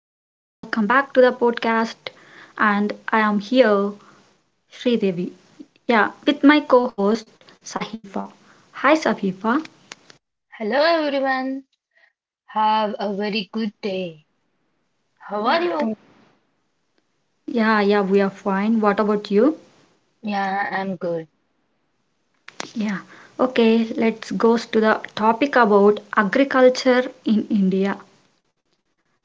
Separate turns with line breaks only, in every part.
back to the podcast. And I am here, Sri Devi. Yeah, with my co-host Sahifa. Hi Sahifa.
Hello everyone. Have a very good day. How are
Yeah,
you?
th- yeah, we are fine. What about you?
Yeah, I'm good.
Yeah. Okay, let's go to the topic about agriculture in India.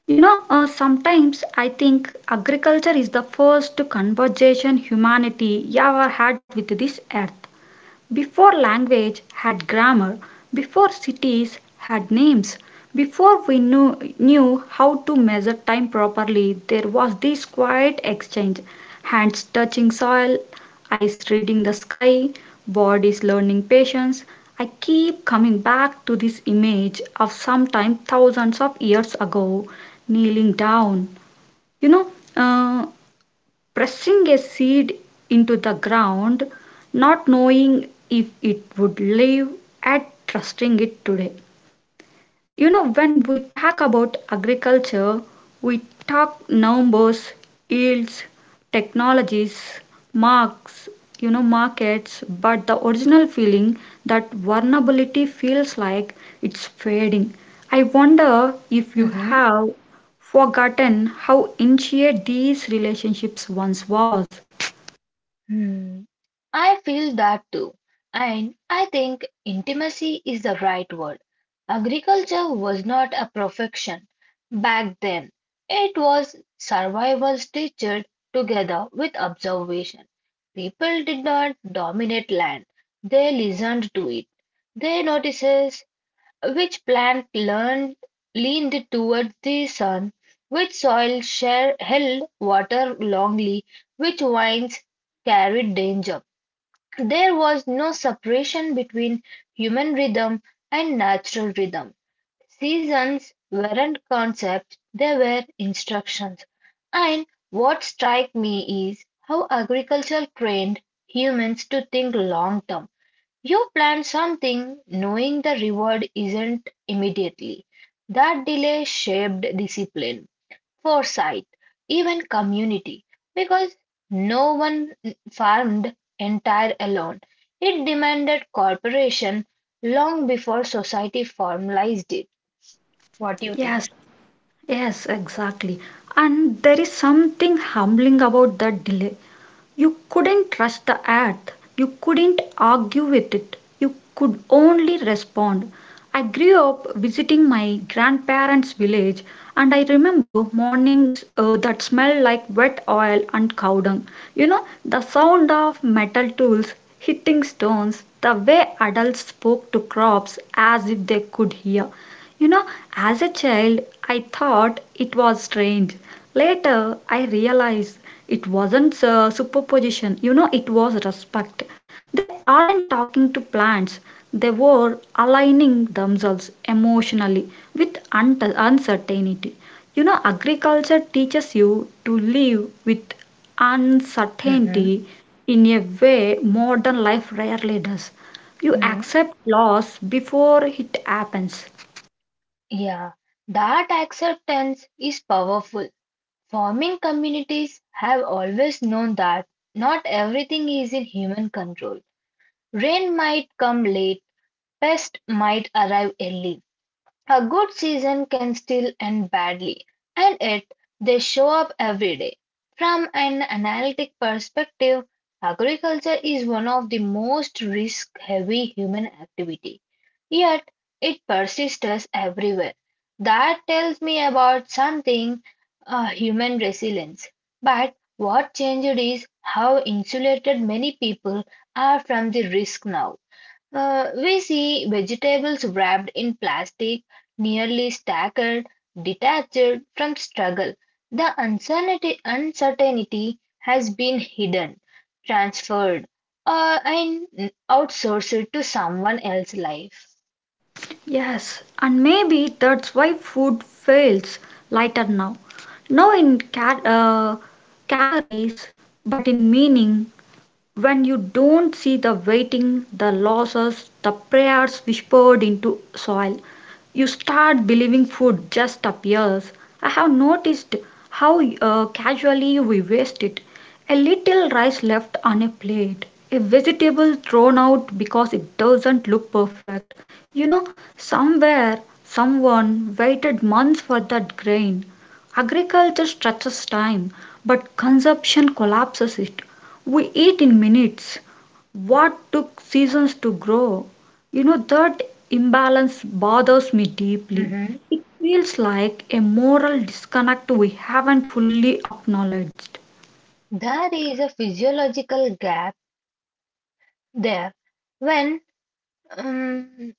Sometimes I think agriculture is the first conversation humanity ever had with this earth. Before language had grammar, before cities had names, before we knew how to measure time properly, there was this quiet exchange hands touching soil, eyes reading the sky, bodies learning patience. I keep coming back to this image of sometime thousands of years ago kneeling down. You know, uh, Pressing a seed into the ground, not knowing if it would live and trusting it today. You know, when we talk about agriculture, we talk numbers, yields, technologies, marks, you know, markets, but the original feeling that vulnerability feels like it's fading. I wonder if you
Mhm.
have forgotten how intricate these relationships once was.
Hmm. I feel that too. And I think intimacy is the right word. Agriculture was not a profession back then. It was survival stitched together with observation. People did not dominate land. They listened to it. They noticed which plant leaned towards the sun? Which soil share, held water longly? Which vines carried danger? There was no separation between human rhythm and natural rhythm. Seasons weren't concepts, they were instructions. And what strikes me is how agriculture trained humans to think long term. You plan something knowing the reward isn't immediately. That delay shaped discipline, foresight, even community, because no one farmed entire alone. It demanded cooperation long before society formalized it. What do you think?
Yes, yes, exactly. And there is something humbling about that delay. You couldn't rush the earth, you couldn't argue with it, you could only respond. I grew up visiting my grandparents' village, and I remember mornings that smelled like wet oil and cow dung. You know, the sound of metal tools hitting stones, the way adults spoke to crops as if they could hear. You know, as a child, I thought it was strange. Later, I realized it wasn't superposition, you know, it was respect. They aren't talking to plants, they were aligning themselves emotionally with uncertainty. You know, agriculture teaches you to live with
Mhm.
uncertainty in a way modern life rarely does. You
Mhm.
accept loss before it happens.
Yeah, that acceptance is powerful. Farming communities have always known that not everything is in human control. Rain might come late, pests might arrive early. A good season can still end badly, and yet they show up every day. From an analytic perspective, agriculture is one of the most risk-heavy human activities. Yet it persists everywhere. That tells me about something human resilience. But what changed is how insulated many people are from the risk now. We see vegetables wrapped in plastic, nearly staggered, detached from struggle. The uncertainty has been hidden, transferred, and outsourced to someone else's life.
Yes, and maybe that's why food feels lighter now. No in calories, but in meaning. When you don't see the waiting, the losses, the prayers whispered into soil, you start believing food just appears. I have noticed how casually we waste it. A little rice left on a plate, a vegetable thrown out because it doesn't look perfect, you know, somewhere someone waited months for that grain. Agriculture stretches time, but consumption collapses it. We eat in minutes what took seasons to grow. You know, that imbalance bothers me deeply.
Mhm.
It feels like a moral disconnect we haven't fully acknowledged.
There is a physiological gap there when um,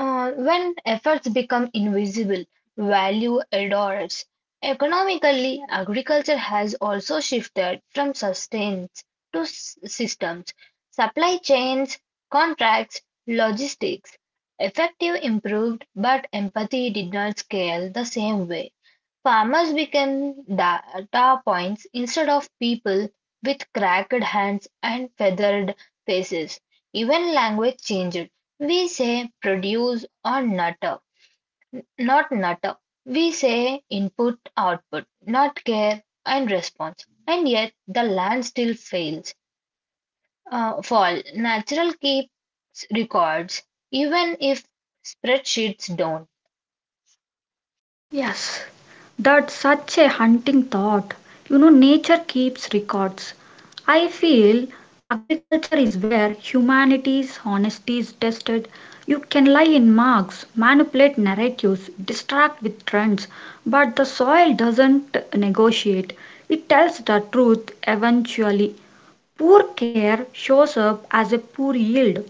when efforts become invisible, value adores. Economically, agriculture has also shifted from sustains to systems, supply chains, contracts, logistics. Effective improved, but empathy did not scale the same way. Farmers became data points instead of people with cracked hands and feathered faces. Even language changed. We say produce or nutter, not nutter. We say input, output, not care and response. And yet the land still fails. Fall. Natural keeps records, even if spreadsheets don't.
Yes, that's such a hunting thought. You know, nature keeps records. I feel agriculture is where humanity's honesty is tested. You can lie in marks, manipulate narratives, distract with trends, but the soil doesn't negotiate. It tells the truth eventually. Poor care shows up as a poor yield.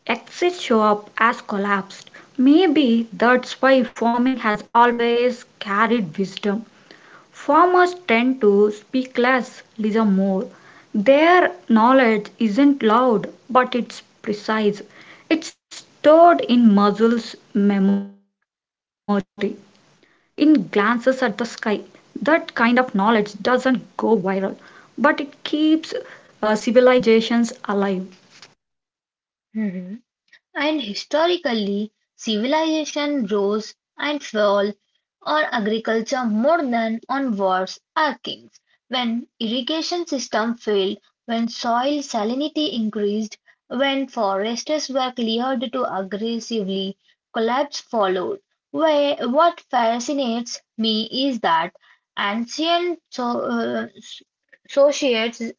Exits show up as collapsed. Maybe that's why farming has always carried wisdom. Farmers tend to speak less, listen more. Their knowledge isn't loud, but it's precise. It's stored in muscles memory in glances at the sky. That kind of knowledge doesn't go viral, but it keeps civilizations alive.
Mhm. And historically civilization rose and fell on agriculture more than on wars or kings. When irrigation system failed, when soil salinity increased, when forests were cleared too aggressively, collapse followed. What fascinates me is that ancient societies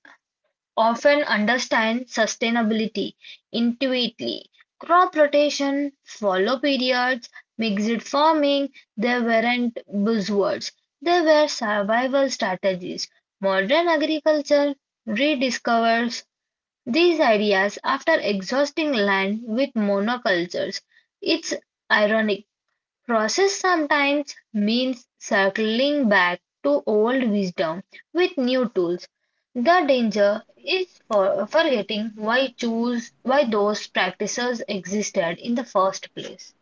often understand sustainability intuitively. Crop rotation, fallow periods, mixed farming, they weren't buzzwords. They were survival strategies. Modern agriculture rediscovers these ideas after exhausting land with monocultures. It's ironic. Process sometimes means circling back to old wisdom with new tools. The danger is for forgetting why choose why those practices existed in the first place.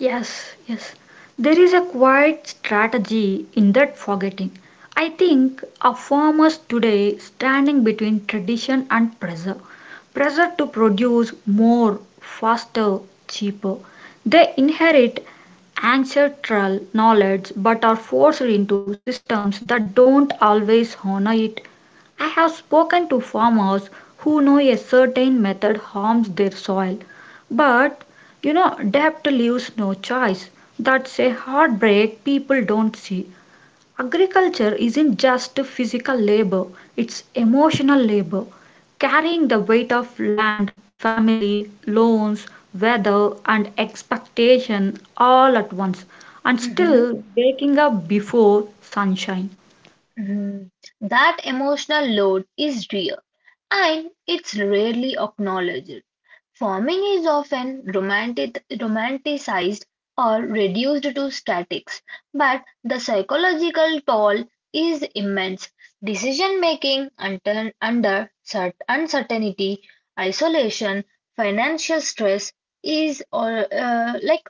Yes, yes. There is a quiet strategy in that forgetting. I think our farmers today standing between tradition and pressure. Pressure to produce more, faster, cheaper. They inherit ancestral knowledge but are forced into systems that don't always honor it. I have spoken to farmers who know a certain method harms their soil, but you know, debt leaves no choice. That's a heartbreak people don't see. Agriculture isn't just physical labor, it's emotional labor. Carrying the weight of land, family, loans, weather, and expectation all at once, and
Mhm,
still waking up before sunshine.
mhm. That emotional load is real and it's rarely acknowledged. Farming is often romanticized or reduced to statics, but the psychological toll is immense. Decision making under uncertainty, isolation, financial stress like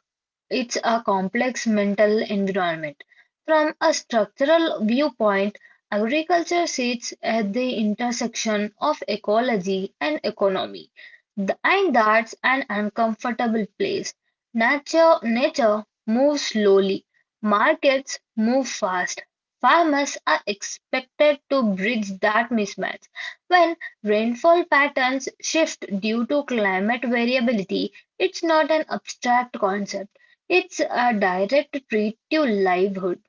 it's a complex mental environment. From a structural viewpoint, agriculture sits at the intersection of ecology and economy, and that's an uncomfortable place. Nature moves slowly, markets move fast. Farmers are expected to bridge that mismatch. When rainfall patterns shift due to climate variability, it's not an abstract concept. It's a direct threat to livelihood.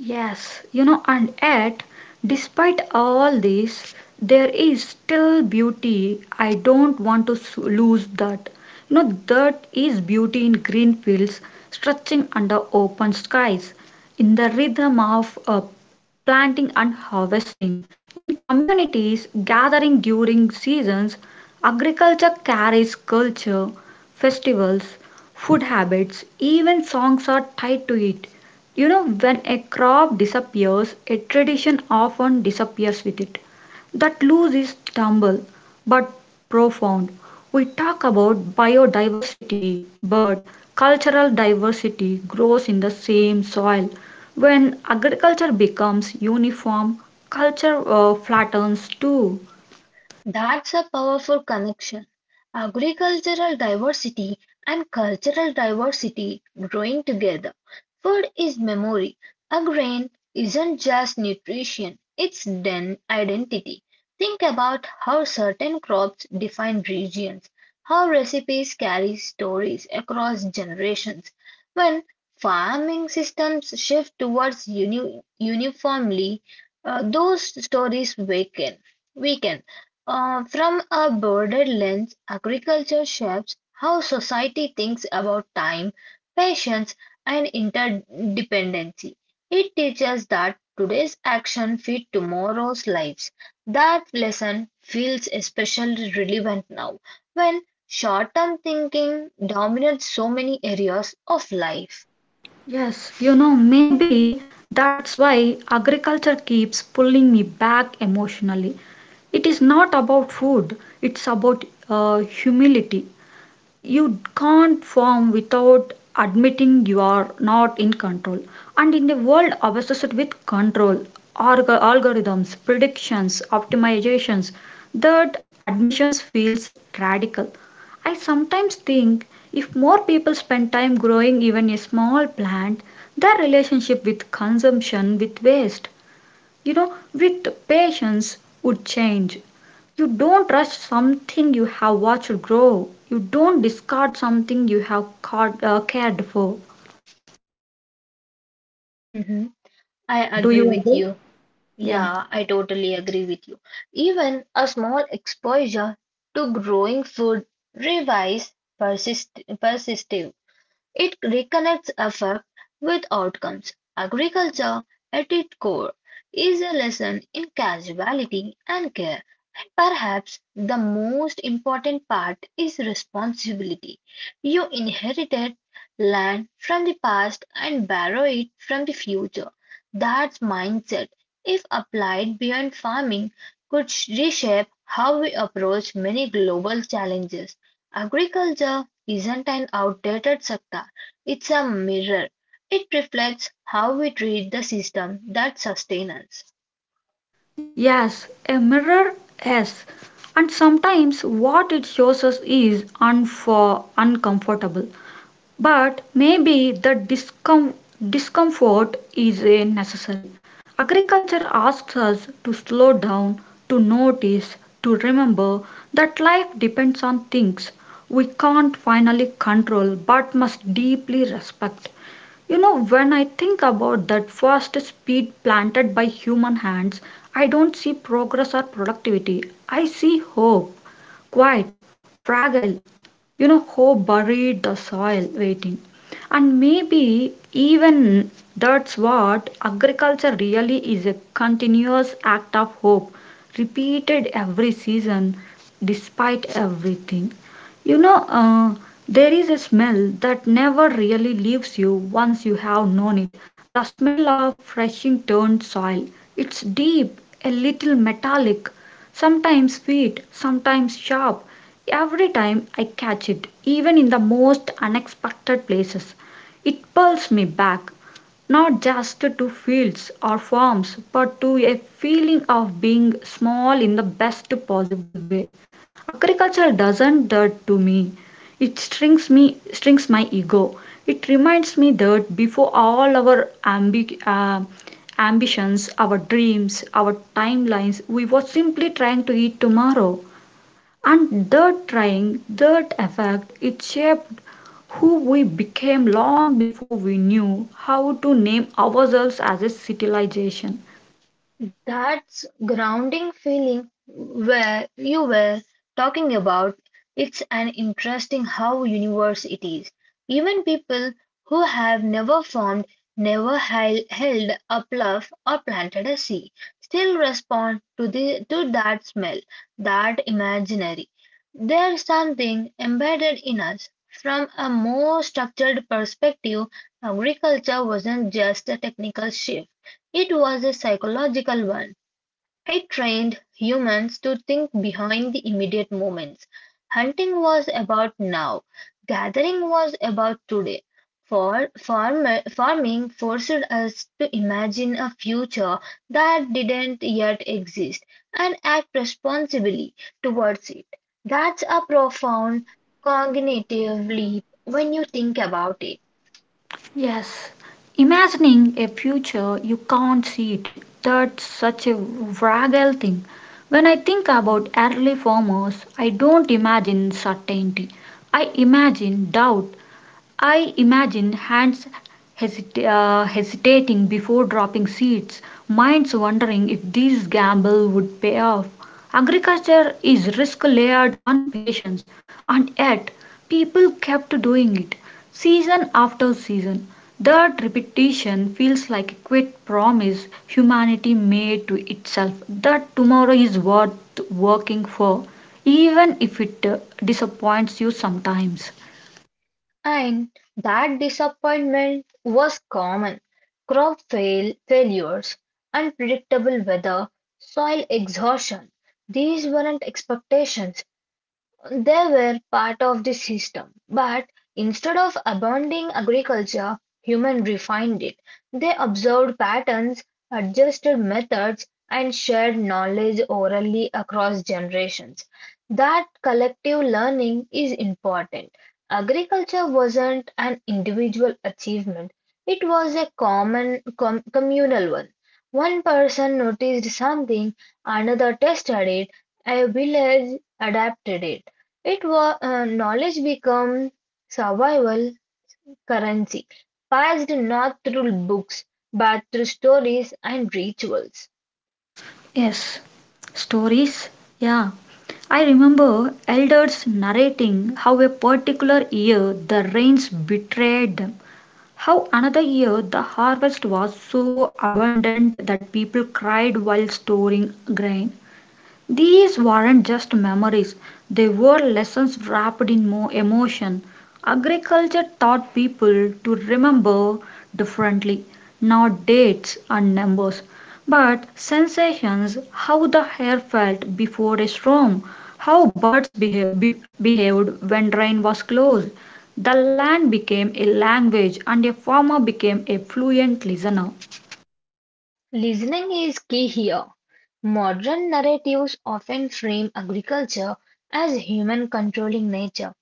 Yes, you know, and yet, despite all this, there is still beauty. I don't want to lose that. You know, that is beauty in green fields stretching under open skies, in the rhythm of planting and harvesting, in communities gathering during seasons. Agriculture carries culture, festivals, food habits, even songs are tied to it. You know, when a crop disappears, a tradition often disappears with it. That loss is stumble, but profound. We talk about biodiversity, but cultural diversity grows in the same soil. When agriculture becomes uniform, culture flattens too.
That's a powerful connection: agricultural diversity and cultural diversity growing together. Food is memory. A grain isn't just nutrition, it's then identity. Think about how certain crops define regions, how recipes carry stories across generations. When farming systems shift towards uniformly, those stories weaken. weaken. From a broader lens, agriculture shapes how society thinks about time, patience, and interdependency. It teaches that today's action feed tomorrow's lives. That lesson feels especially relevant now when short-term thinking dominates so many areas of life.
Yes, you know, maybe that's why agriculture keeps pulling me back emotionally. It is not about food, it's about humility you can't form without admitting you are not in control. And in a world obsessed with control, algorithms, predictions, optimizations, that admissions feels radical. I sometimes think if more people spend time growing even a small plant, their relationship with consumption, with waste, you know with patience would change. You don't rush something you have watched grow. You don't discard something you have cared for.
Mhm. I
Yeah, do
agree
you
with
agree?
you.
Yeah.
Yeah, I totally agree with you. Even a small exposure to growing food revives persistive. It reconnects affect with outcomes; agriculture, at its core, is a lesson in casuality and care, and perhaps the most important part is responsibility. You inherited land from the past and borrow it from the future. That mindset, if applied beyond farming, could reshape how we approach many global challenges. Agriculture isn't an outdated sector, it's a mirror, it reflects how we treat the system that sustains us.
Yes, a mirror. Yes. And sometimes what it shows us is unfor uncomfortable. But maybe the discomfort is a necessary. Agriculture asks us to slow down, to notice, to remember that life depends on things we can't finally control but must deeply respect. You know, when I think about that fast speed planted by human hands, I don't see progress or productivity. I see hope, quiet, fragile, you know, hope buried the soil waiting, and maybe even that's what agriculture really is, a continuous act of hope repeated every season despite everything. you know uh, there is a smell that never really leaves you once you have known it, the smell of freshly turned soil. It's deep, a little metallic, sometimes sweet, sometimes sharp. Every time I catch it, even in the most unexpected places, it pulls me back, not just to fields or farms, but to a feeling of being small in the best possible way. Agriculture doesn't that to me. It strings me, strings my ego. It reminds me that before all our ambitions, our dreams, our timelines, we were simply trying to eat tomorrow. And that trying, that effect, it shaped who we became long before we knew how to name ourselves as a civilization.
That's grounding feeling where you were talking about. It's an interesting how universe it is. Even people who have never formed, never held a bluff or planted a seed, still respond to that smell, that imaginary. There's something embedded in us. From a more structured perspective, agriculture wasn't just a technical shift. It was a psychological one. It trained humans to think behind the immediate moments. Hunting was about now, gathering was about today. Farming forced us to imagine a future that didn't yet exist and act responsibly towards it. That's a profound cognitive leap when you think about it.
Yes, imagining a future you can't see it, that's such a fragile thing. When I think about early farmers, I don't imagine certainty. I imagine doubt, I imagine hands hesitating before dropping seeds, minds wondering if this gamble would pay off. Agriculture is risk layered on patience, and yet people kept doing it season after season. That repetition feels like a quit promise humanity made to itself that tomorrow is worth working for, even if it disappoints you sometimes.
And that disappointment was common. Crop failures, unpredictable weather, soil exhaustion. These weren't expectations, they were part of the system, but instead of abandoning agriculture, humans refined it. They observed patterns, adjusted methods, and shared knowledge orally across generations. That collective learning is important. Agriculture wasn't an individual achievement, it was a common communal one. One person noticed something, another tested it, a village adapted it. It was Knowledge became survival currency, passed not through books but through stories and rituals.
Yes, stories. Yeah. I remember elders narrating how a particular year the rains betrayed them, how another year the harvest was so abundant that people cried while storing grain. These weren't just memories, they were lessons wrapped in more emotion. Agriculture taught people to remember differently, not dates and numbers, but sensations, how the air felt before a storm, how birds behaved when rain was close. The land became a language and a farmer became a fluent listener.
Listening is key here. Modern narratives often frame agriculture as human controlling nature.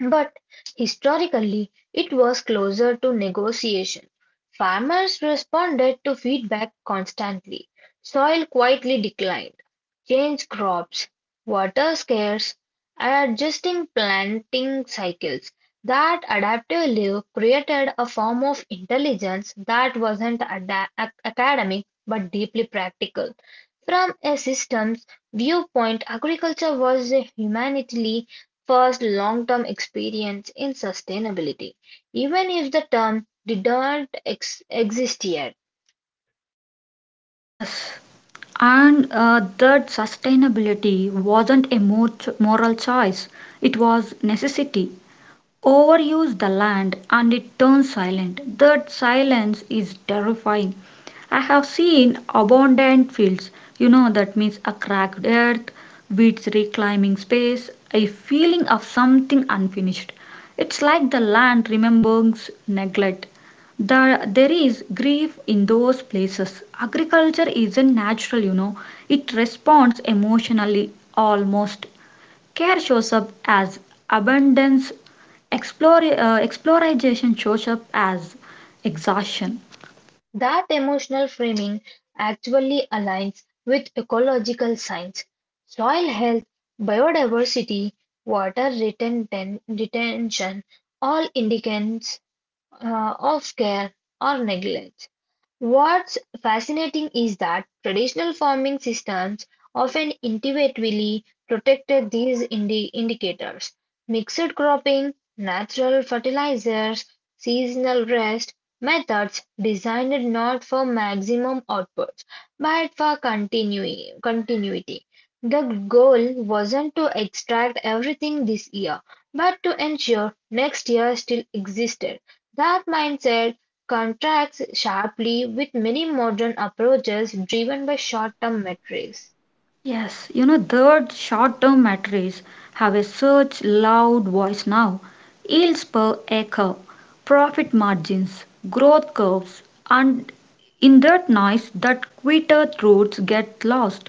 But historically it was closer to negotiation; farmers responded to feedback constantly; soil quietly declined; change crops; water scarce; and adjusting planting cycles. That adaptive life created a form of intelligence that wasn't academic but deeply practical. From a systems viewpoint, agriculture was a humanitarian first long-term experience in sustainability, even if the term didn't exist yet.
Yes. And that sustainability wasn't a moral choice, it was necessity. Overuse the land and it turns silent. That silence is terrifying. I have seen abandoned fields, you know, that means a cracked earth, weeds reclaiming space, a feeling of something unfinished. It's like the land remembers neglect. There is grief in those places. Agriculture isn't natural, you know, it responds emotionally almost. Care shows up as abundance, exploration shows up as exhaustion.
That emotional framing actually aligns with ecological science, soil health, biodiversity, water retention, all indicates of care or neglect. What's fascinating is that traditional farming systems often intuitively protected these indicators: mixed cropping, natural fertilizers, seasonal rest, methods designed not for maximum outputs, but for continuity. The goal wasn't to extract everything this year, but to ensure next year still existed. That mindset contrasts sharply with many modern approaches driven by short-term metrics.
Yes, you know, third, short term batteries have a such loud voice now. Yields per acre, profit margins, growth curves, and in that noise, that quitter roots get lost.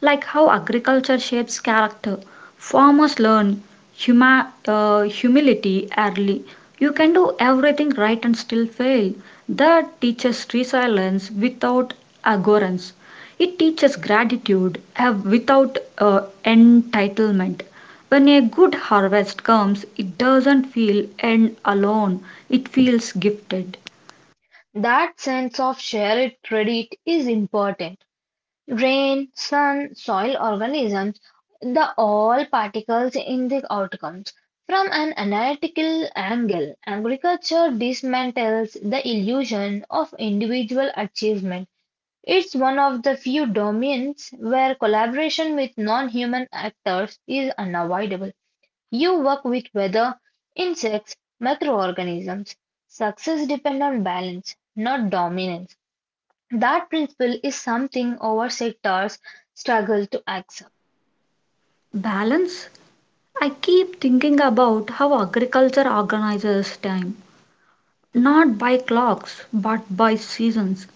Like how agriculture shapes character, farmers learn humility early. You can do everything right and still fail. That teaches resilience without arrogance. It teaches gratitude without entitlement. When a good harvest comes, it doesn't feel end alone, it feels gifted.
That sense of shared credit is important. Rain, sun, soil organisms, the all particles in the outcomes. From an analytical angle, agriculture dismantles the illusion of individual achievement. It's one of the few domains where collaboration with non human actors is unavoidable. You work with weather, insects, microorganisms. Success depends on balance, not dominance. That principle is something our sectors struggle to accept.
Balance? I keep thinking about how agriculture organizes time, not by clocks but by seasons,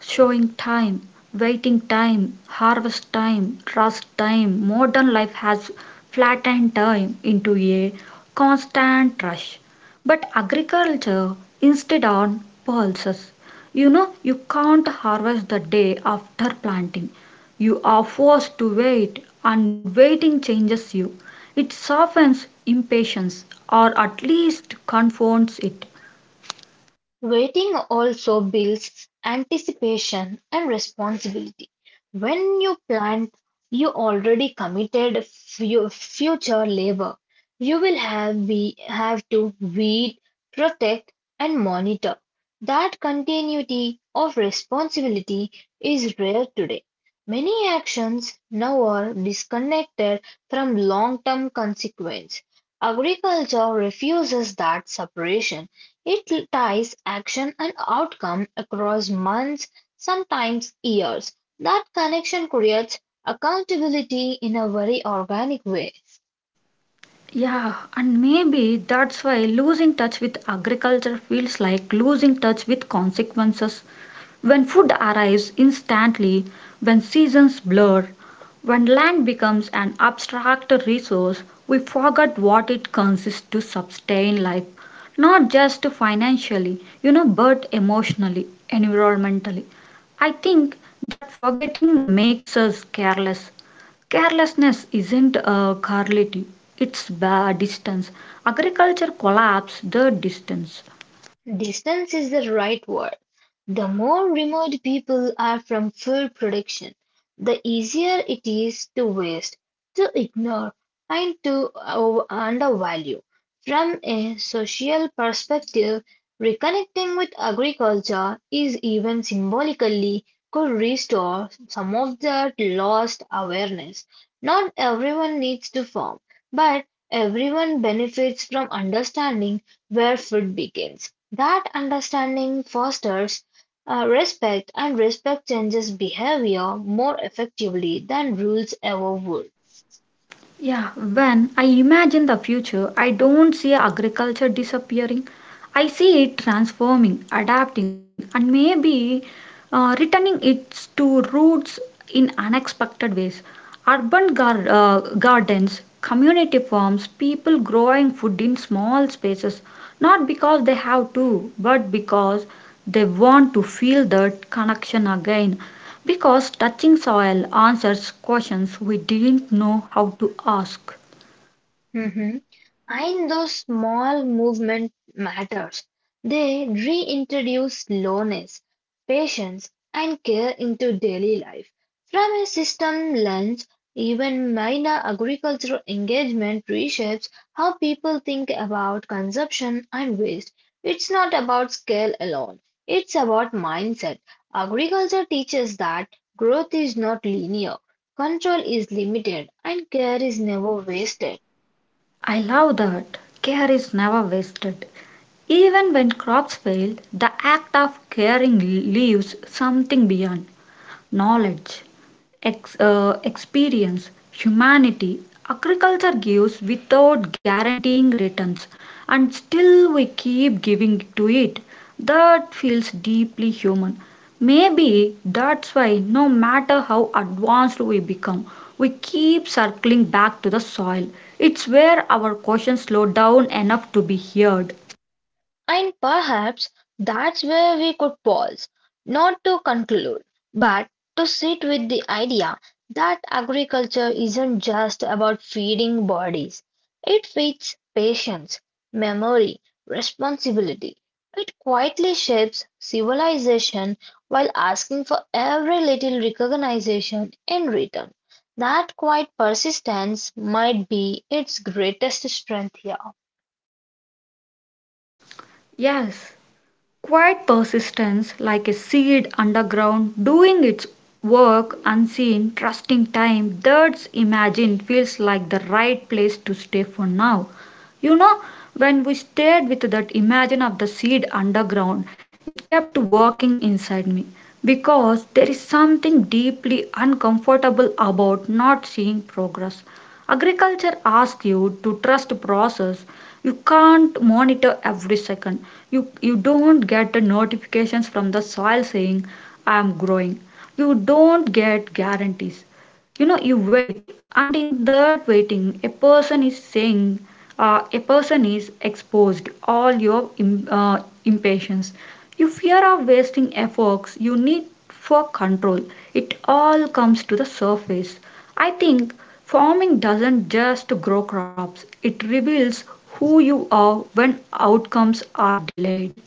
showing time, waiting time, harvest time, trust time. Modern life has flattened time into a constant rush. But agriculture instead on pulses. You know, you can't harvest the day after planting. You are forced to wait, and waiting changes you. It softens impatience or at least confounds it.
Waiting also builds anticipation and responsibility. When you plant, you already committed future labor. You will have to weed, protect, and monitor. That continuity of responsibility is rare today. Many actions now are disconnected from long-term consequence. Agriculture refuses that separation. It ties action and outcome across months, sometimes years. That connection creates accountability in a very organic way.
Yeah, and maybe that's why losing touch with agriculture feels like losing touch with consequences. When food arrives instantly, when seasons blur, when land becomes an abstract resource, we forget what it consists to sustain life, not just financially, you know, but emotionally, environmentally. I think that forgetting makes us careless. Carelessness isn't a carlity, it's bad distance. Agriculture collapsed the distance.
Distance is the right word. The more remote people are from full production, the easier it is to waste, to ignore, and to undervalue. From a social perspective, reconnecting with agriculture is even symbolically could restore some of that lost awareness. Not everyone needs to farm, but everyone benefits from understanding where food begins. That understanding fosters respect, and respect changes behavior more effectively than rules ever would.
Yeah, when I imagine the future, I don't see agriculture disappearing. I see it transforming, adapting, and maybe returning its to roots in unexpected ways. Urban gardens, community farms, people growing food in small spaces, not because they have to, but because they want to feel that connection again. Because touching soil answers questions we didn't know how to ask.
Mhm. And those small movement matters. They reintroduce slowness, patience, and care into daily life. From a system lens, even minor agricultural engagement reshapes how people think about consumption and waste. It's not about scale alone, it's about mindset. Agriculture teaches that growth is not linear, control is limited, and care is never wasted.
I love that. Care is never wasted. Even when crops fail, the act of caring leaves something beyond knowledge. Experience, humanity, agriculture gives without guaranteeing returns, and still we keep giving to it. That feels deeply human. Maybe that's why, no matter how advanced we become, we keep circling back to the soil. It's where our questions slow down enough to be heard.
And perhaps that's where we could pause, not to conclude, but to sit with the idea that agriculture isn't just about feeding bodies. It feeds patience, memory, responsibility. It quietly shapes civilization while asking for every little recognition in return. That quiet persistence might be its greatest strength here.
Yes. Quiet persistence, like a seed underground, doing its work unseen, trusting time that's imagined, feels like the right place to stay for now. You know, when we stayed with that imagine of the seed underground, it kept working inside me because there is something deeply uncomfortable about not seeing progress. Agriculture asks you to trust process. You can't monitor every second. You you don't get the notifications from the soil saying I am growing. You don't get guarantees. You know, you wait, and in that waiting a person is saying, a person is exposed. All your im- uh, impatience, you fear of wasting efforts you need for control. It all comes to the surface. I think farming doesn't just grow crops, it reveals who you are when outcomes are delayed.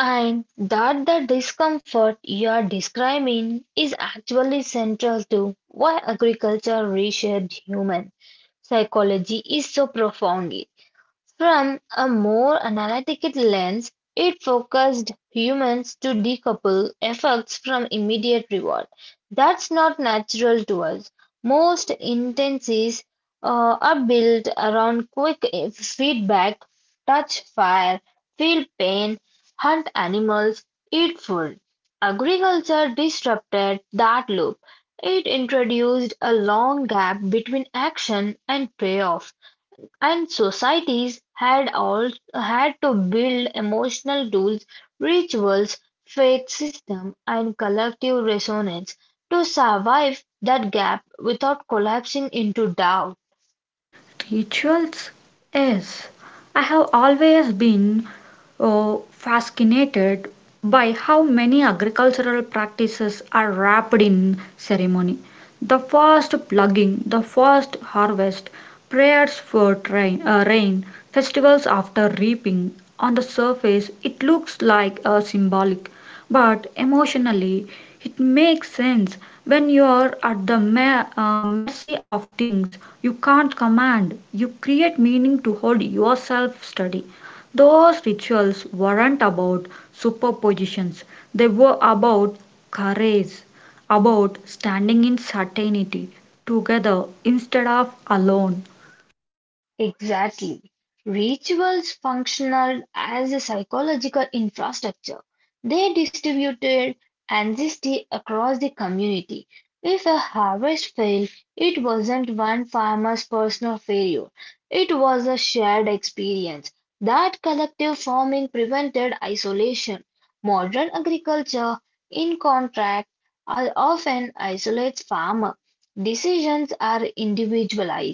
And that the discomfort you are describing is actually central to why agriculture reshaped human psychology is so profound. From a more analytical lens, it focused humans to decouple effects from immediate reward. That's not natural to us. Most intensives are built around quick feedback, touch fire, feel pain, hunt animals, eat food. Agriculture disrupted that loop. It introduced a long gap between action and payoff. And societies had all had to build emotional tools, rituals, faith system, and collective resonance to survive that gap without collapsing into doubt.
Rituals? Yes. I have always been oh, fascinated by how many agricultural practices are wrapped in ceremony. The first plugging, the first harvest, prayers for train, rain, festivals after reaping. On the surface, it looks like a symbolic, but emotionally it makes sense. When you're at the mercy of things you can't command, you create meaning to hold yourself steady. Those rituals weren't about superpositions, they were about courage, about standing in certainty together instead of alone.
Exactly. Rituals functioned as a psychological infrastructure. They distributed ancestry across the community. If a harvest failed, it wasn't one farmer's personal failure, it was a shared experience. That collective farming prevented isolation. Modern agriculture, in contrast, are often isolates farmer. Decisions are individualized.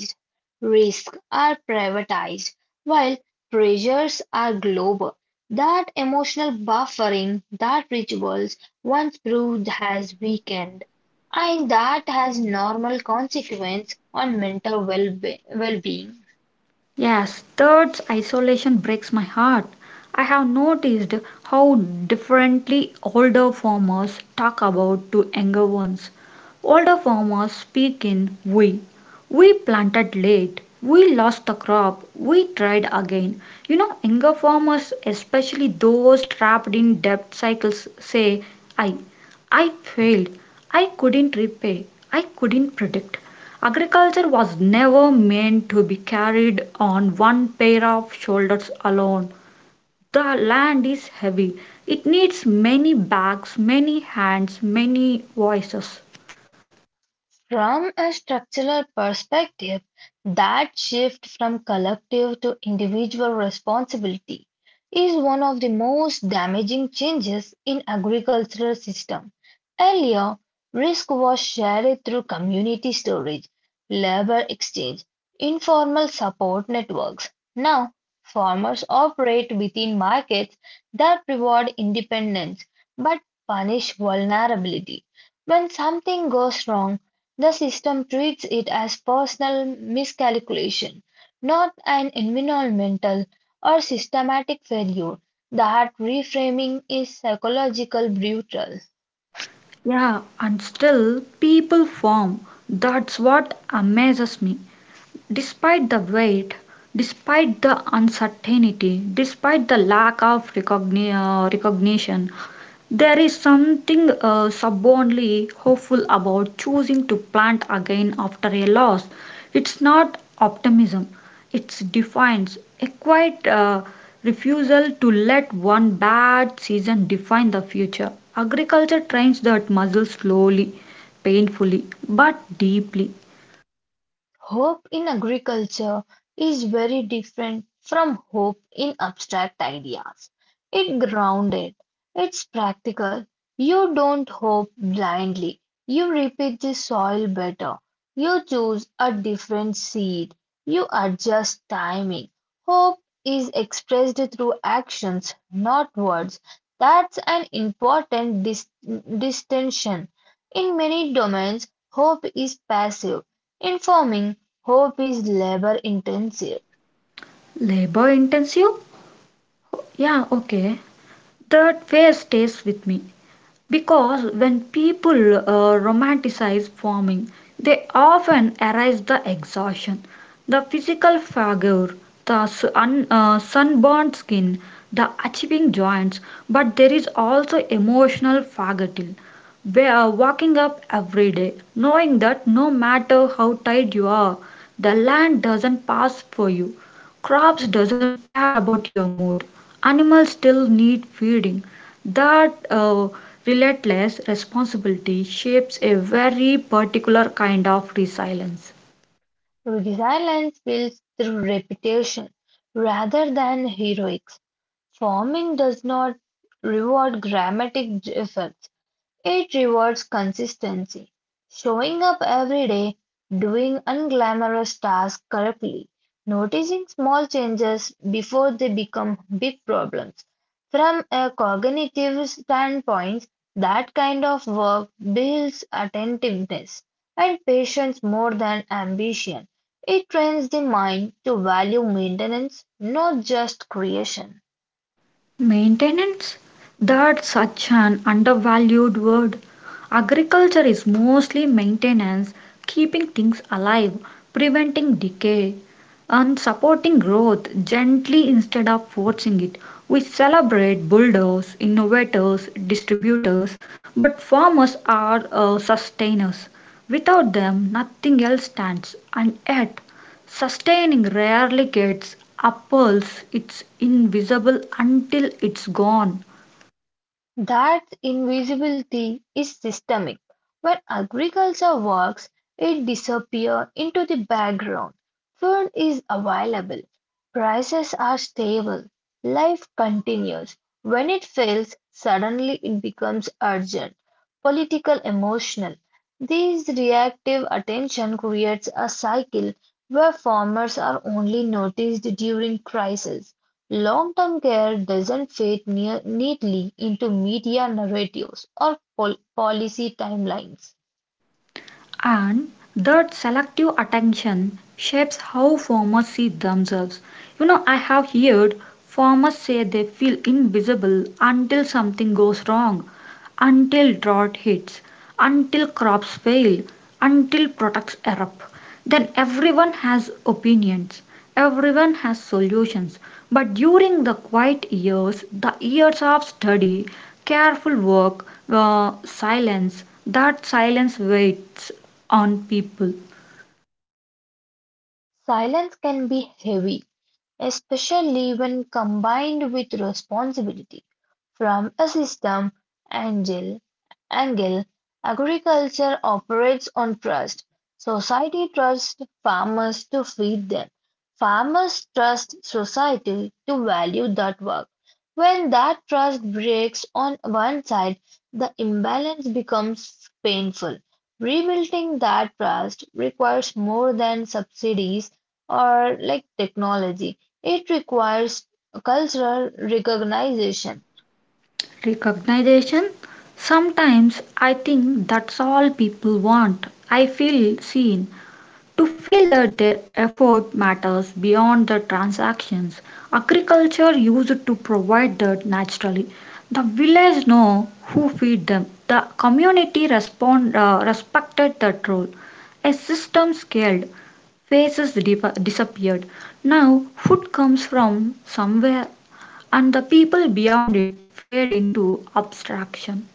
Risks are privatized, while pressures are global. That emotional buffering that rituals once proved has weakened, and that has normal consequence on mental well-being.
Yes, third isolation breaks my heart. I have noticed how differently older farmers talk about to younger ones. Older farmers speak in we. We planted late. We lost the crop. We tried again. You know, younger farmers, especially those trapped in debt cycles, say, I. I failed. I couldn't repay. I couldn't predict. Agriculture was never meant to be carried on one pair of shoulders alone. The land is heavy. It needs many backs, many hands, many voices.
From a structural perspective, that shift from collective to individual responsibility is one of the most damaging changes in agricultural system. Earlier, risk was shared through community storage, labor exchange, informal support networks. Now, farmers operate within markets that reward independence but punish vulnerability. When something goes wrong, the system treats it as personal miscalculation, not an environmental or systematic failure. The heart reframing is psychological brutal.
Yeah, and still people farm. That's what amazes me. Despite the weight, despite the uncertainty, despite the lack of recognition, there is something stubbornly hopeful about choosing to plant again after a loss. It's not optimism, it defines a quiet refusal to let one bad season define the future. Agriculture trains that muscle slowly, painfully, but deeply.
Hope in agriculture is very different from hope in abstract ideas. It grounded, it's practical. You don't hope blindly, you repeat the soil better. You choose a different seed, you adjust timing. Hope is expressed through actions, not words. That's an important distinction. In many domains, hope is passive. In farming, hope is labor-intensive.
Labor intensive, yeah, okay. That fear stays with me because when people romanticize farming, they often erase the exhaustion, the physical figure, the sun, sunburned skin, the achieving joints, but there is also emotional fatigue. We are waking up every day knowing that no matter how tired you are, the land doesn't pass for you. Crops doesn't care about your mood. Animals still need feeding. That relentless responsibility shapes a very particular kind of resilience.
Resilience builds through repetition rather than heroics. Farming does not reward efforts, it rewards consistency, showing up every day, doing unglamorous tasks correctly, noticing small changes before they become big problems. From a cognitive standpoint, that kind of work builds attentiveness and patience more than ambition. It trains the mind to value maintenance, not just creation.
Maintenance? That's such an undervalued word. Agriculture is mostly maintenance, keeping things alive, preventing decay, and supporting growth gently instead of forcing it. We celebrate builders, innovators, distributors, but farmers are sustainers. Without them, nothing else stands, and yet sustaining rarely gets apples, it's invisible until it's gone,
That invisibility is systemic. When agriculture works, it disappears into the background. Food is available, prices are stable, life continues. When it fails, suddenly it becomes urgent, political, emotional. This reactive attention creates a cycle where farmers are only noticed during crisis. Long-term care doesn't fit near neatly into media narratives or policy timelines.
and that selective attention shapes how farmers see themselves. You know, I have heard farmers say they feel invisible until something goes wrong, until drought hits, until crops fail, until products erupt. Then everyone has opinions, everyone has solutions, but during the quiet years, the years of study, careful work, silence, that silence waits on people.
Silence can be heavy, especially when combined with responsibility from a system angle, angle agriculture operates on trust. Society trusts farmers to feed them. Farmers trust society to value that work. When that trust breaks on one side, the imbalance becomes painful. Rebuilding that trust requires more than subsidies or like technology. It requires cultural recognition.
Recognition. Sometimes I think that's all people want. I feel seen. To feel that their effort matters beyond the transactions. Agriculture used to provide that naturally. The village know who feed them. The community respond, respected that role. A system scaled, faces disappeared. Now food comes from somewhere and the people beyond it fade into abstraction.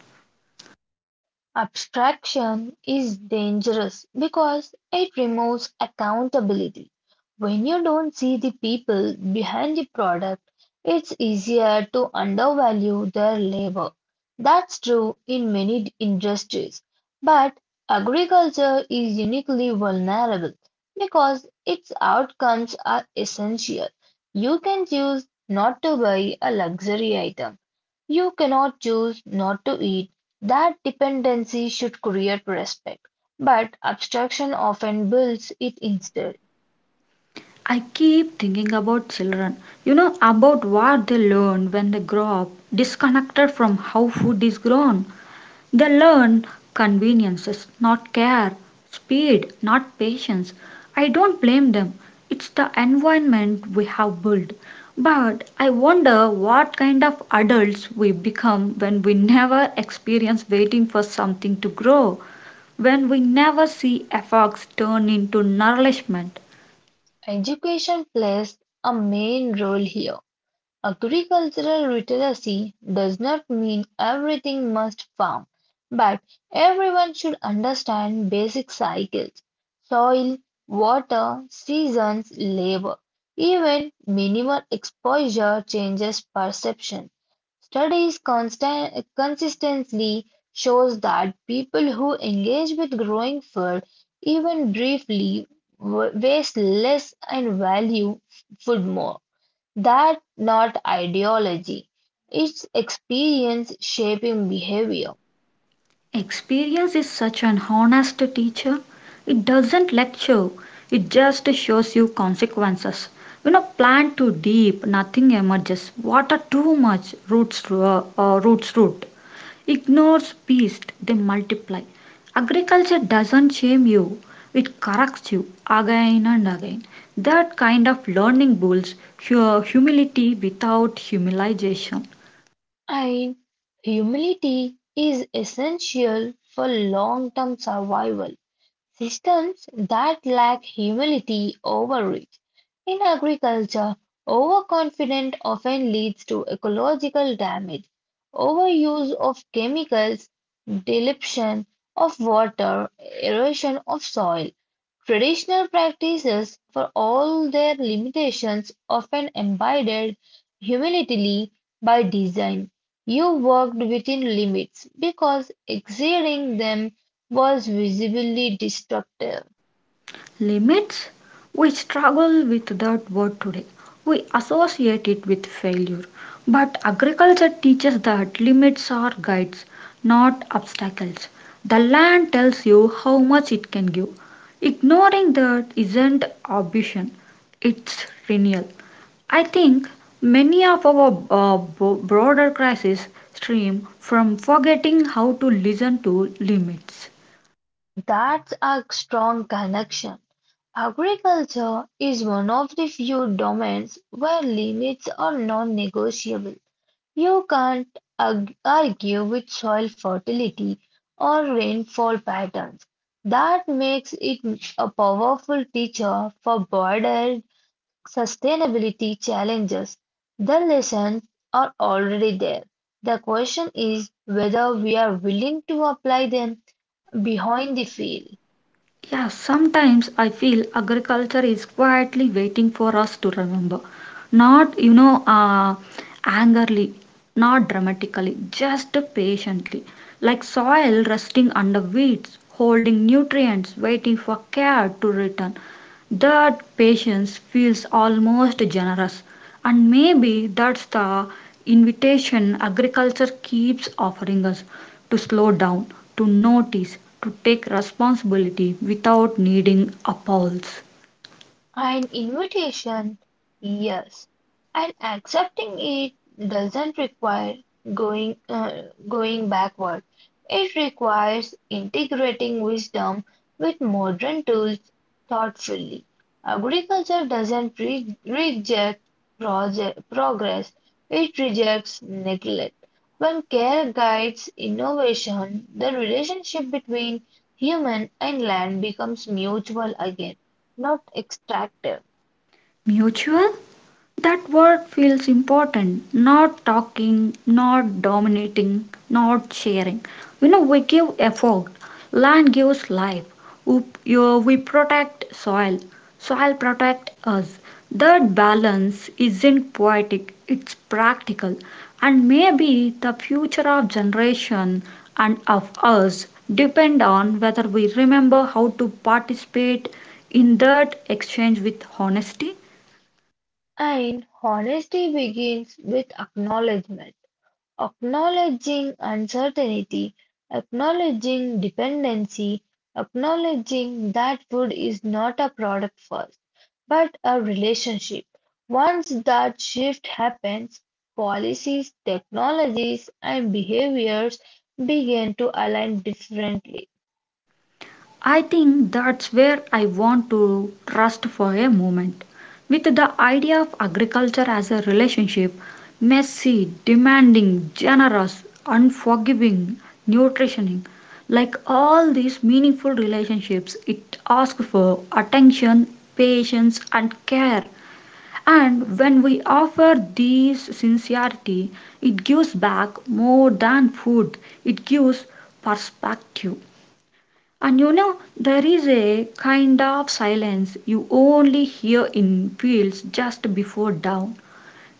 Abstraction is dangerous because it removes accountability. When you don't see the people behind the product, it's easier to undervalue their labor. That's true in many industries, but agriculture is uniquely vulnerable because its outcomes are essential. You can choose not to buy a luxury item. You cannot choose not to eat. That dependency should create respect, but abstraction often builds it instead.
I keep thinking about children, you know, about what they learn when they grow up, disconnected from how food is grown. They learn conveniences, not care, speed, not patience. I don't blame them. It's the environment we have built. But I wonder what kind of adults we become when we never experience waiting for something to grow, when we never see efforts turn into nourishment.
Education plays a main role here. Agricultural literacy does not mean everything must farm, but everyone should understand basic cycles, soil, water, seasons, labor. Even minimal exposure changes perception. Consistently shows that people who engage with growing food, even briefly, waste less and value food more. That not ideology. It's experience shaping behavior.
Experience is such an honest teacher. It doesn't lecture, it just shows you consequences. You know, plant too deep, nothing emerges. Water too much, roots, roots root. Ignores beast, they multiply. Agriculture doesn't shame you, it corrects you again and again. That kind of learning builds humility without humiliation.
And humility is essential for long-term survival. Systems that lack humility overreach. In agriculture, overconfident often leads to ecological damage, overuse of chemicals, depletion of water, erosion of soil. Traditional practices, for all their limitations, often embodied humility by design. You worked within limits because exceeding them was visibly destructive.
Limits? We struggle with that word today. We associate it with failure. But agriculture teaches that limits are guides, not obstacles. The land tells you how much it can give. Ignoring that isn't ambition, it's renewal. I think many of our broader crises stream from forgetting how to listen to limits.
That's a strong connection. Agriculture is one of the few domains where limits are non negotiable. You can't argue with soil fertility or rainfall patterns. That makes it a powerful teacher for border sustainability challenges, the lessons are already there. The question is whether we are willing to apply them behind the field.
Yeah, sometimes I feel agriculture is quietly waiting for us to remember. Not, angrily, not dramatically, just patiently. Like soil resting under weeds, holding nutrients, waiting for care to return. That patience feels almost generous. And maybe that's the invitation agriculture keeps offering us to slow down, to notice, to take responsibility without needing applause.
An invitation, yes, and accepting it doesn't require going uh, going backward. It requires integrating wisdom with modern tools thoughtfully. Agriculture doesn't reject progress, it rejects neglect. When care guides innovation, the relationship between human and land becomes mutual again, not extractive.
Mutual? That word feels important. Not talking, not dominating, not sharing. You know, we give effort. Land gives life. We protect soil. Soil protect us. That balance isn't poetic, it's practical. And maybe the future of generation and of us depend on whether we remember how to participate in that exchange with honesty.
And honesty begins with acknowledgement. Acknowledging uncertainty, acknowledging dependency, acknowledging that food is not a product first, but a relationship. Once that shift happens, policies, technologies, and behaviors begin to align differently.
I think that's where I want to trust for a moment. With the idea of agriculture as a relationship, messy, demanding, generous, unforgiving, nutritioning, like all these meaningful relationships, it asks for attention, patience, and care. And when we offer these sincerity, it gives back more than food, it gives perspective. And you know, there is a kind of silence you only hear in fields just before dawn.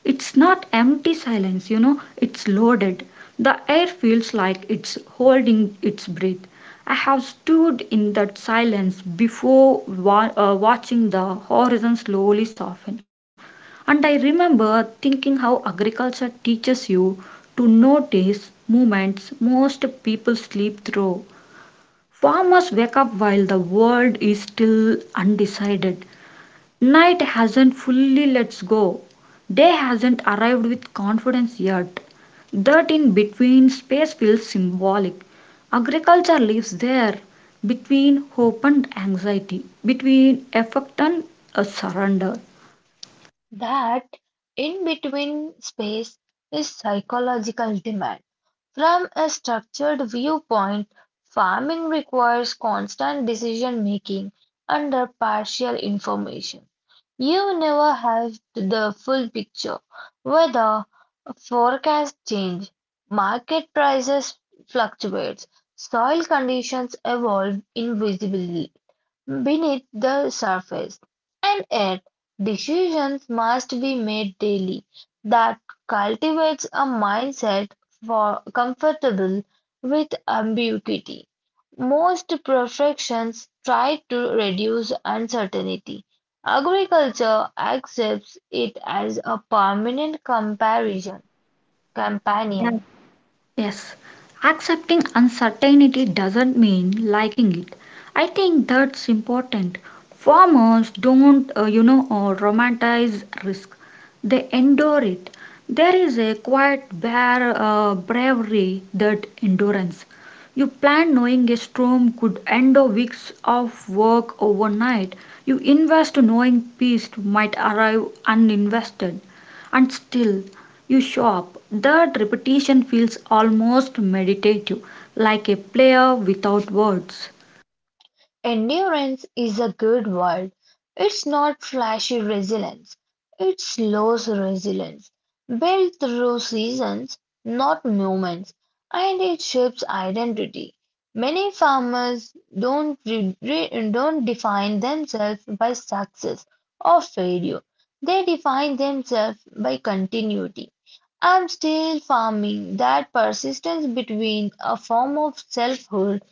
It's not empty silence, you know, it's loaded. The air feels like it's holding its breath. I have stood in that silence before watching the horizon slowly soften. And I remember thinking how agriculture teaches you to notice movements most people sleep through. Farmers wake up while the world is still undecided. Night hasn't fully let go. Day hasn't arrived with confidence yet. That in between space feels symbolic. Agriculture lives there between hope and anxiety, between effort and a surrender.
That in between space is psychological demand. From a structured viewpoint, farming requires constant decision-making under partial information. You never have the full picture. Weather forecasts change, market prices fluctuate, soil conditions evolve invisibly beneath the surface, and yet decisions must be made daily that cultivates a mindset for comfortable with ambiguity. Most professions try to reduce uncertainty. Agriculture accepts it as a companion.
Yes, accepting uncertainty doesn't mean liking it. I think that's important. Farmers don't, romanticize risk. They endure it. There is a quiet bare bravery that endurance. You plan knowing a storm could end a weeks of work overnight. You invest knowing peace might arrive uninvested. And still, you show up. That repetition feels almost meditative, like a prayer without words.
Endurance is a good word. It's not flashy resilience, it's slow resilience, built through seasons, not moments, and it shapes identity. Many farmers don't, re- re- don't define themselves by success or failure, they define themselves by continuity. I'm still farming that persistence between a form of selfhood.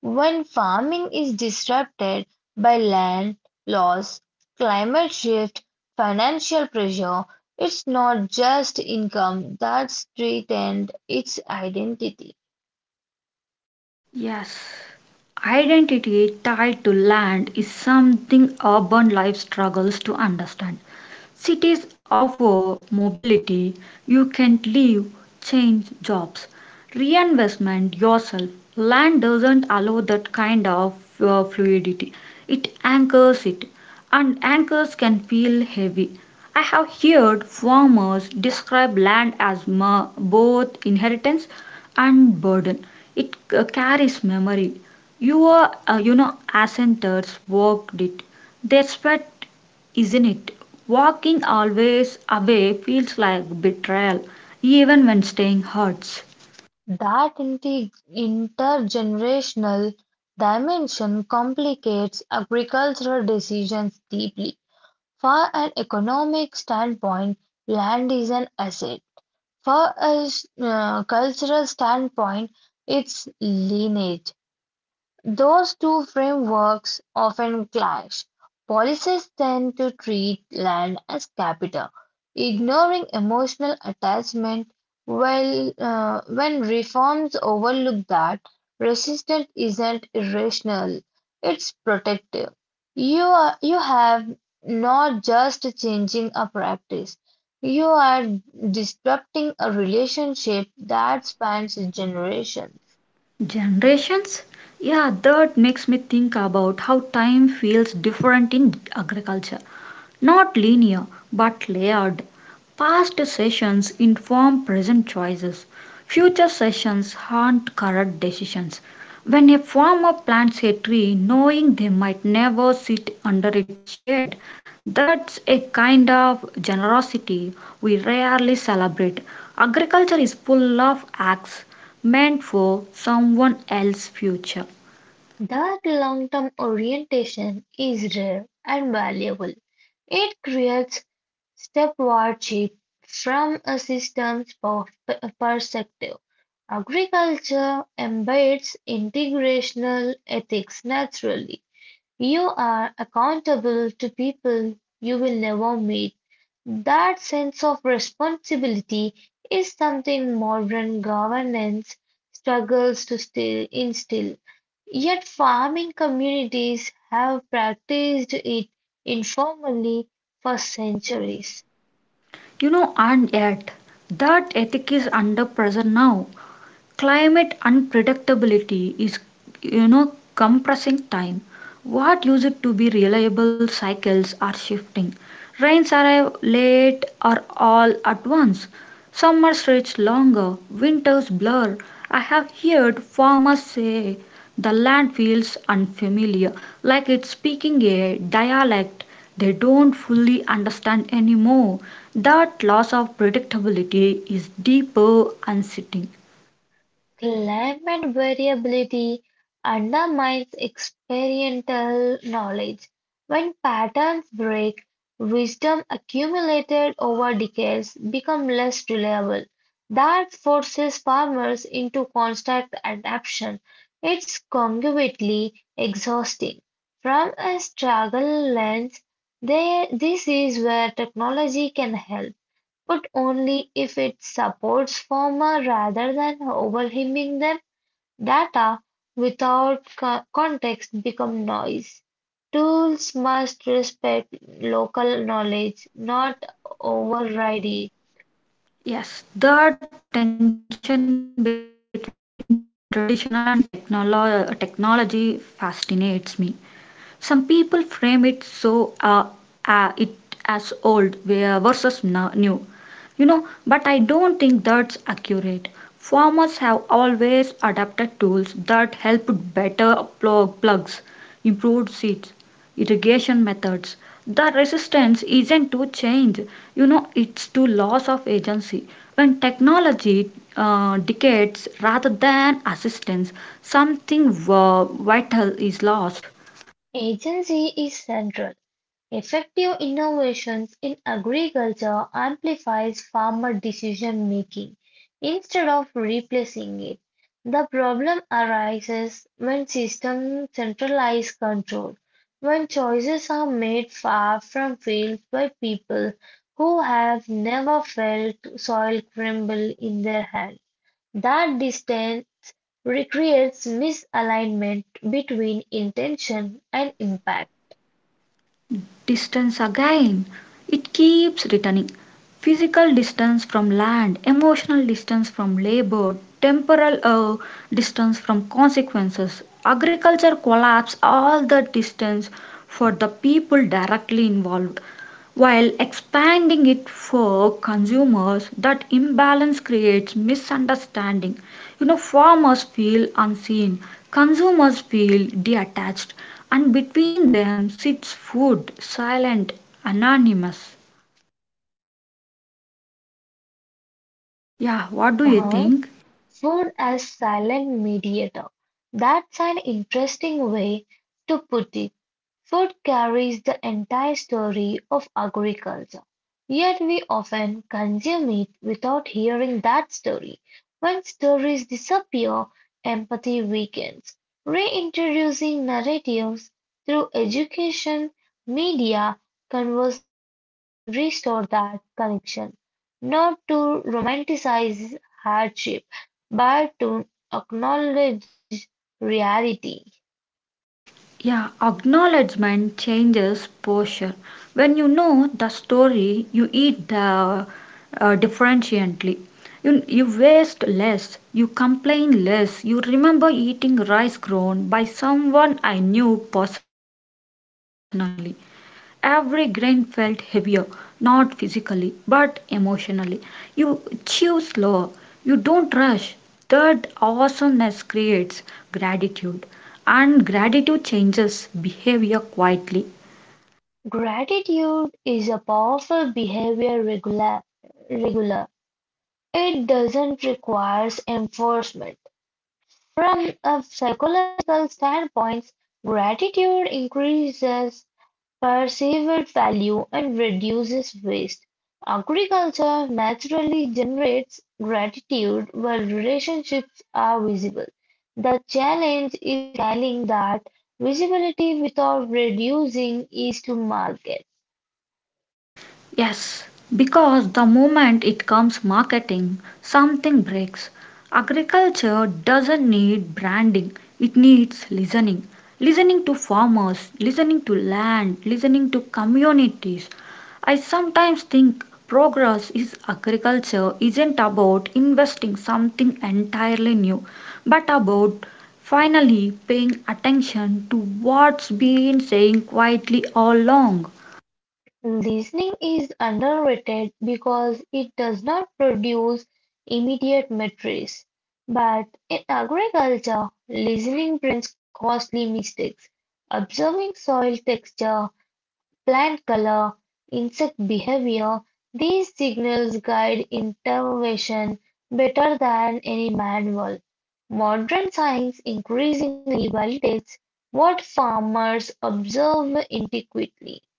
When farming is disrupted by land loss, climate shift, financial pressure, it's not just income that's threatened, it's identity.
Yes, identity tied to land is something urban life struggles to understand. Cities offer mobility, you can live, change jobs, reinvestment yourself. Land doesn't allow that kind of fluidity, it anchors it, and anchors can feel heavy. I have heard farmers describe land as both inheritance and burden. It carries memory. Your, ancestors walked it. They sweat, isn't it? Walking always away feels like betrayal, even when staying hurts.
That intergenerational dimension complicates agricultural decisions deeply. From an economic standpoint, land is an asset. From a cultural standpoint, it's lineage. Those two frameworks often clash. Policies tend to treat land as capital, ignoring emotional attachment, while when reforms overlook that, resistance isn't irrational, it's protective. You have not just changing a practice, you are disrupting a relationship that spans generations.
Generations? Yeah, that makes me think about how time feels different in agriculture. Not linear but layered. Past sessions inform present choices. Future sessions haunt current decisions. When a farmer plants a tree knowing they might never sit under its shade, that's a kind of generosity we rarely celebrate. Agriculture is full of acts meant for someone else's future.
That long term orientation is rare and valuable. It creates stewardship. From a perspective, agriculture embeds integrational ethics naturally. You are accountable to people you will never meet. That sense of responsibility is something modern governance struggles to still instill. Yet farming communities have practiced it informally for centuries.
You know, and yet that ethic is under pressure now. Climate unpredictability is, you know, compressing time. What used to be reliable cycles are shifting. Rains arrive late or all at once. Summer stretch longer, winters blur. I have heard farmers say the land feels unfamiliar, like it's speaking a dialect they don't fully understand anymore. That loss of predictability is deeper and sitting.
Climate variability undermines experiential knowledge. When patterns break, wisdom accumulated over decades become less reliable. That forces farmers into constant adaptation. It's cognitively exhausting. From a struggle lens, there, this is where technology can help but only if it supports former rather than overhymning them. Data without context become noise. Tools must respect local knowledge, not override it.
Yes, the tension between traditional and technology fascinates me. Some people frame it so it as old versus new, you know, but I don't think that's accurate. Farmers have always adapted tools that helped better plugs, improved seeds, irrigation methods. The resistance isn't to change, you know, it's to loss of agency. When technology decays rather than assistance, something vital is lost.
Agency is central. Effective innovations in agriculture amplifies farmer decision making instead of replacing it. The problem arises when systems centralize control, when choices are made far from fields by people who have never felt soil crumble in their hands. That distance recreates misalignment between intention and impact.
Distance again. It keeps returning. Physical distance from land, emotional distance from labor, temporal distance from consequences, agriculture collapse, all the distance for the people directly involved. While expanding it for consumers, that imbalance creates misunderstanding. You know, farmers feel unseen, consumers feel detached, and between them sits food, silent, anonymous. Yeah, what do
Uh
you
huh.
think?
Food as silent mediator. That's an interesting way to put it. Food carries the entire story of agriculture, yet we often consume it without hearing that story. When stories disappear, empathy weakens. Reintroducing narratives through education, media, conversation can restore that connection, not to romanticize hardship, but to acknowledge reality.
Yeah, acknowledgement changes posture. When you know the story, you eat differentially. You waste less, you complain less, you remember eating rice grown by someone I knew personally. Every grain felt heavier, not physically, but emotionally. You chew slower, you don't rush. That awesomeness creates gratitude, and gratitude changes behavior quietly.
Gratitude is a powerful behavior regular. It doesn't require enforcement. From a psychological standpoint, gratitude increases perceived value and reduces waste. Agriculture naturally generates gratitude while relationships are visible. The challenge is scaling that visibility without reducing ease to market.
Yes, because the moment it comes marketing, something breaks. Agriculture doesn't need branding, it needs listening. Listening to farmers, listening to land, listening to communities. I sometimes think progress is agriculture isn't about investing something entirely new, but about finally paying attention to what's been saying quietly all along.
Listening is underrated because it does not produce immediate metrics, but in agriculture, listening prevents costly mistakes. Observing soil texture, plant color, insect behavior, these signals guide intervention better than any manual. Modern science increasingly validates what farmers observe intuitively.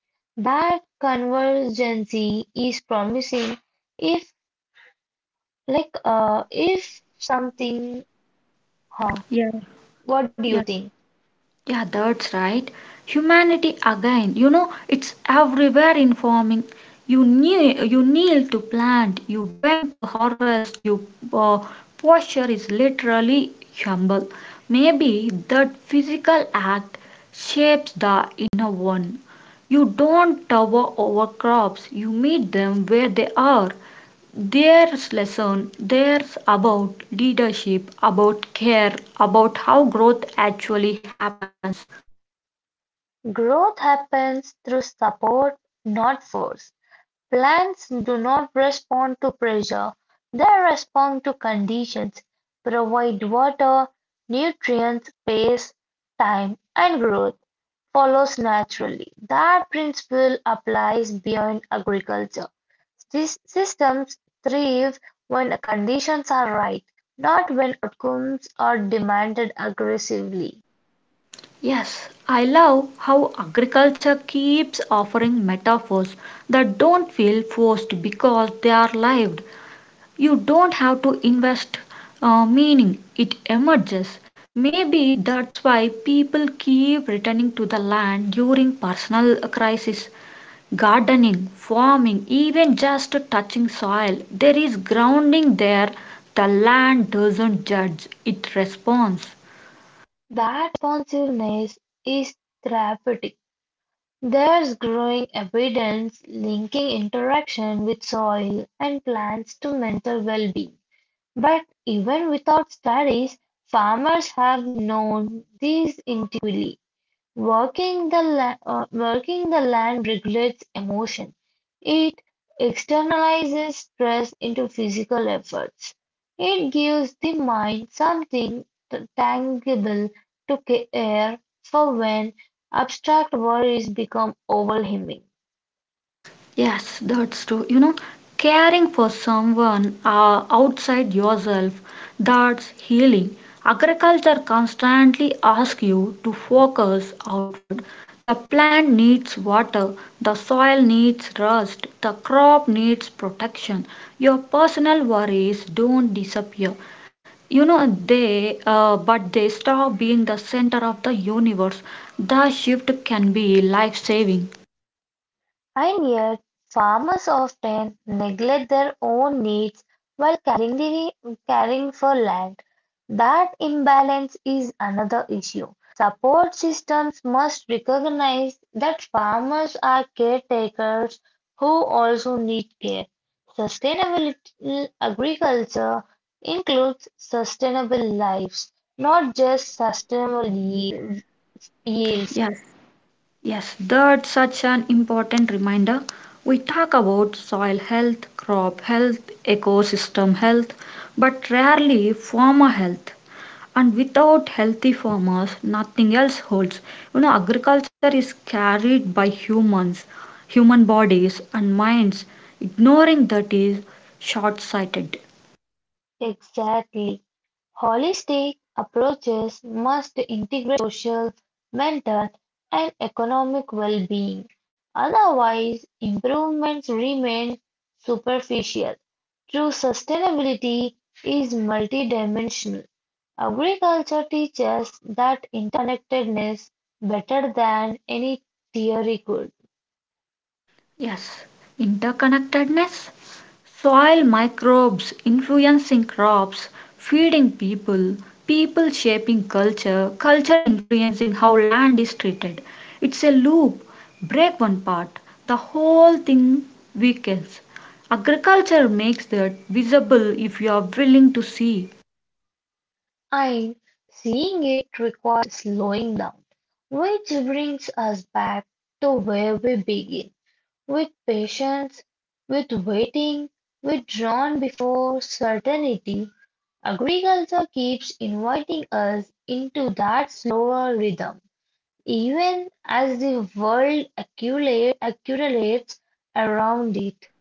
That convergence is promising if like if something uh,
Yeah.
what do
Yeah.
you think?
Yeah, that's right. Humanity again, you know, it's everywhere informing. You kneel to plant, you bend to harvest, you uh, posture is literally humble. Maybe that physical act shapes the inner one. You don't tower over crops, you meet them where they are. There's lesson, there's about leadership, about care, about how growth actually happens.
Growth happens through support, not force. Plants do not respond to pressure, they respond to conditions: provide water, nutrients, space, time, and growth follows naturally. That principle applies beyond agriculture. These systems thrive when conditions are right, not when outcomes are demanded aggressively.
Yes, I love how agriculture keeps offering metaphors that don't feel forced because they are lived. You don't have to invest meaning, it emerges. Maybe that's why people keep returning to the land during personal crisis. Gardening, farming, even just touching soil, there is grounding there. The land doesn't judge, it responds.
That responsiveness is therapeutic. There is growing evidence linking interaction with soil and plants to mental well-being, but even without studies, farmers have known these intuitively. Working the land regulates emotion. It externalizes stress into physical efforts. It gives the mind something tangible to care for when abstract worries become overwhelming.
Yes, that's true. You know, caring for someone outside yourself, that's healing. Agriculture constantly asks you to focus outward. The plant needs water, the soil needs rest, the crop needs protection. Your personal worries don't disappear. You know they But they stop being the center of the universe. The shift can be life saving.
Pioneer farmers often neglect their own needs while caring for land. That imbalance is another issue. Support systems must recognize that farmers are caretakers who also need care. Sustainable agriculture includes sustainable lives, not just sustainable yields.
Yes, yes, that's such an important reminder. We talk about soil health, crop health, ecosystem health, but rarely farmer health. And without healthy farmers, nothing else holds. You know, agriculture is carried by humans, human bodies, and minds. Ignoring that is short sighted.
Exactly. Holistic approaches must integrate social, mental, and economic well-being, otherwise improvements remain superficial. True sustainability is multidimensional. Agriculture teaches that interconnectedness better than any theory could.
Yes, interconnectedness, soil microbes influencing crops, feeding people, people shaping culture, culture influencing how land is treated. It's a loop. Break one part, the whole thing weakens. Agriculture makes that visible if you are willing to see.
And seeing it requires slowing down, which brings us back to where we begin with patience, with waiting, with drawn before certainty. Agriculture keeps inviting us into that slower rhythm, even as the accumulates around it.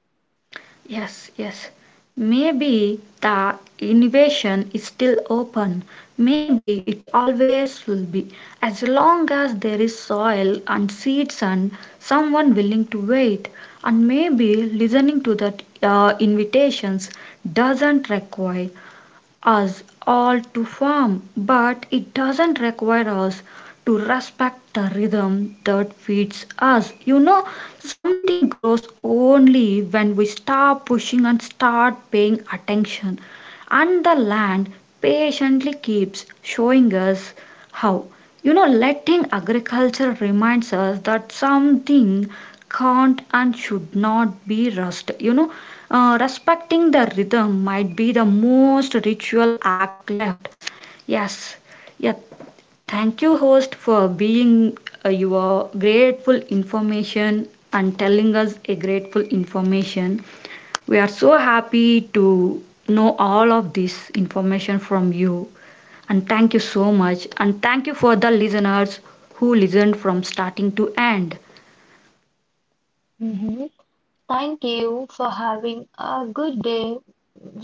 Yes, yes. Maybe the innovation is still open. Maybe it always will be, as long as there is soil and seeds and someone willing to wait. And maybe listening to that invitations doesn't require us all to farm, but it doesn't require us to respect the rhythm that feeds us. You know, something grows only when we stop pushing and start paying attention. And the land patiently keeps showing us how. You know, letting agriculture reminds us that something can't and should not be rushed. Respecting the rhythm might be the most ritual act left. Yes, yeah. Thank you, host, for being your grateful information and telling us a grateful information. We are so happy to know all of this information from you. And thank you so much. And thank you for the listeners who listened from starting to end.
Mhm. Thank you for having a good day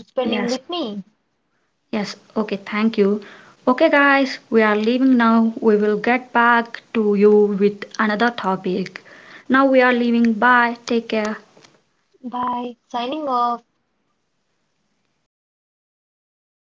spending
Yes.
with me.
Yes. Okay. Thank you. Okay, guys, we are leaving now. We will get back to you with another topic. Now we are leaving. Bye. Take care.
By signing off.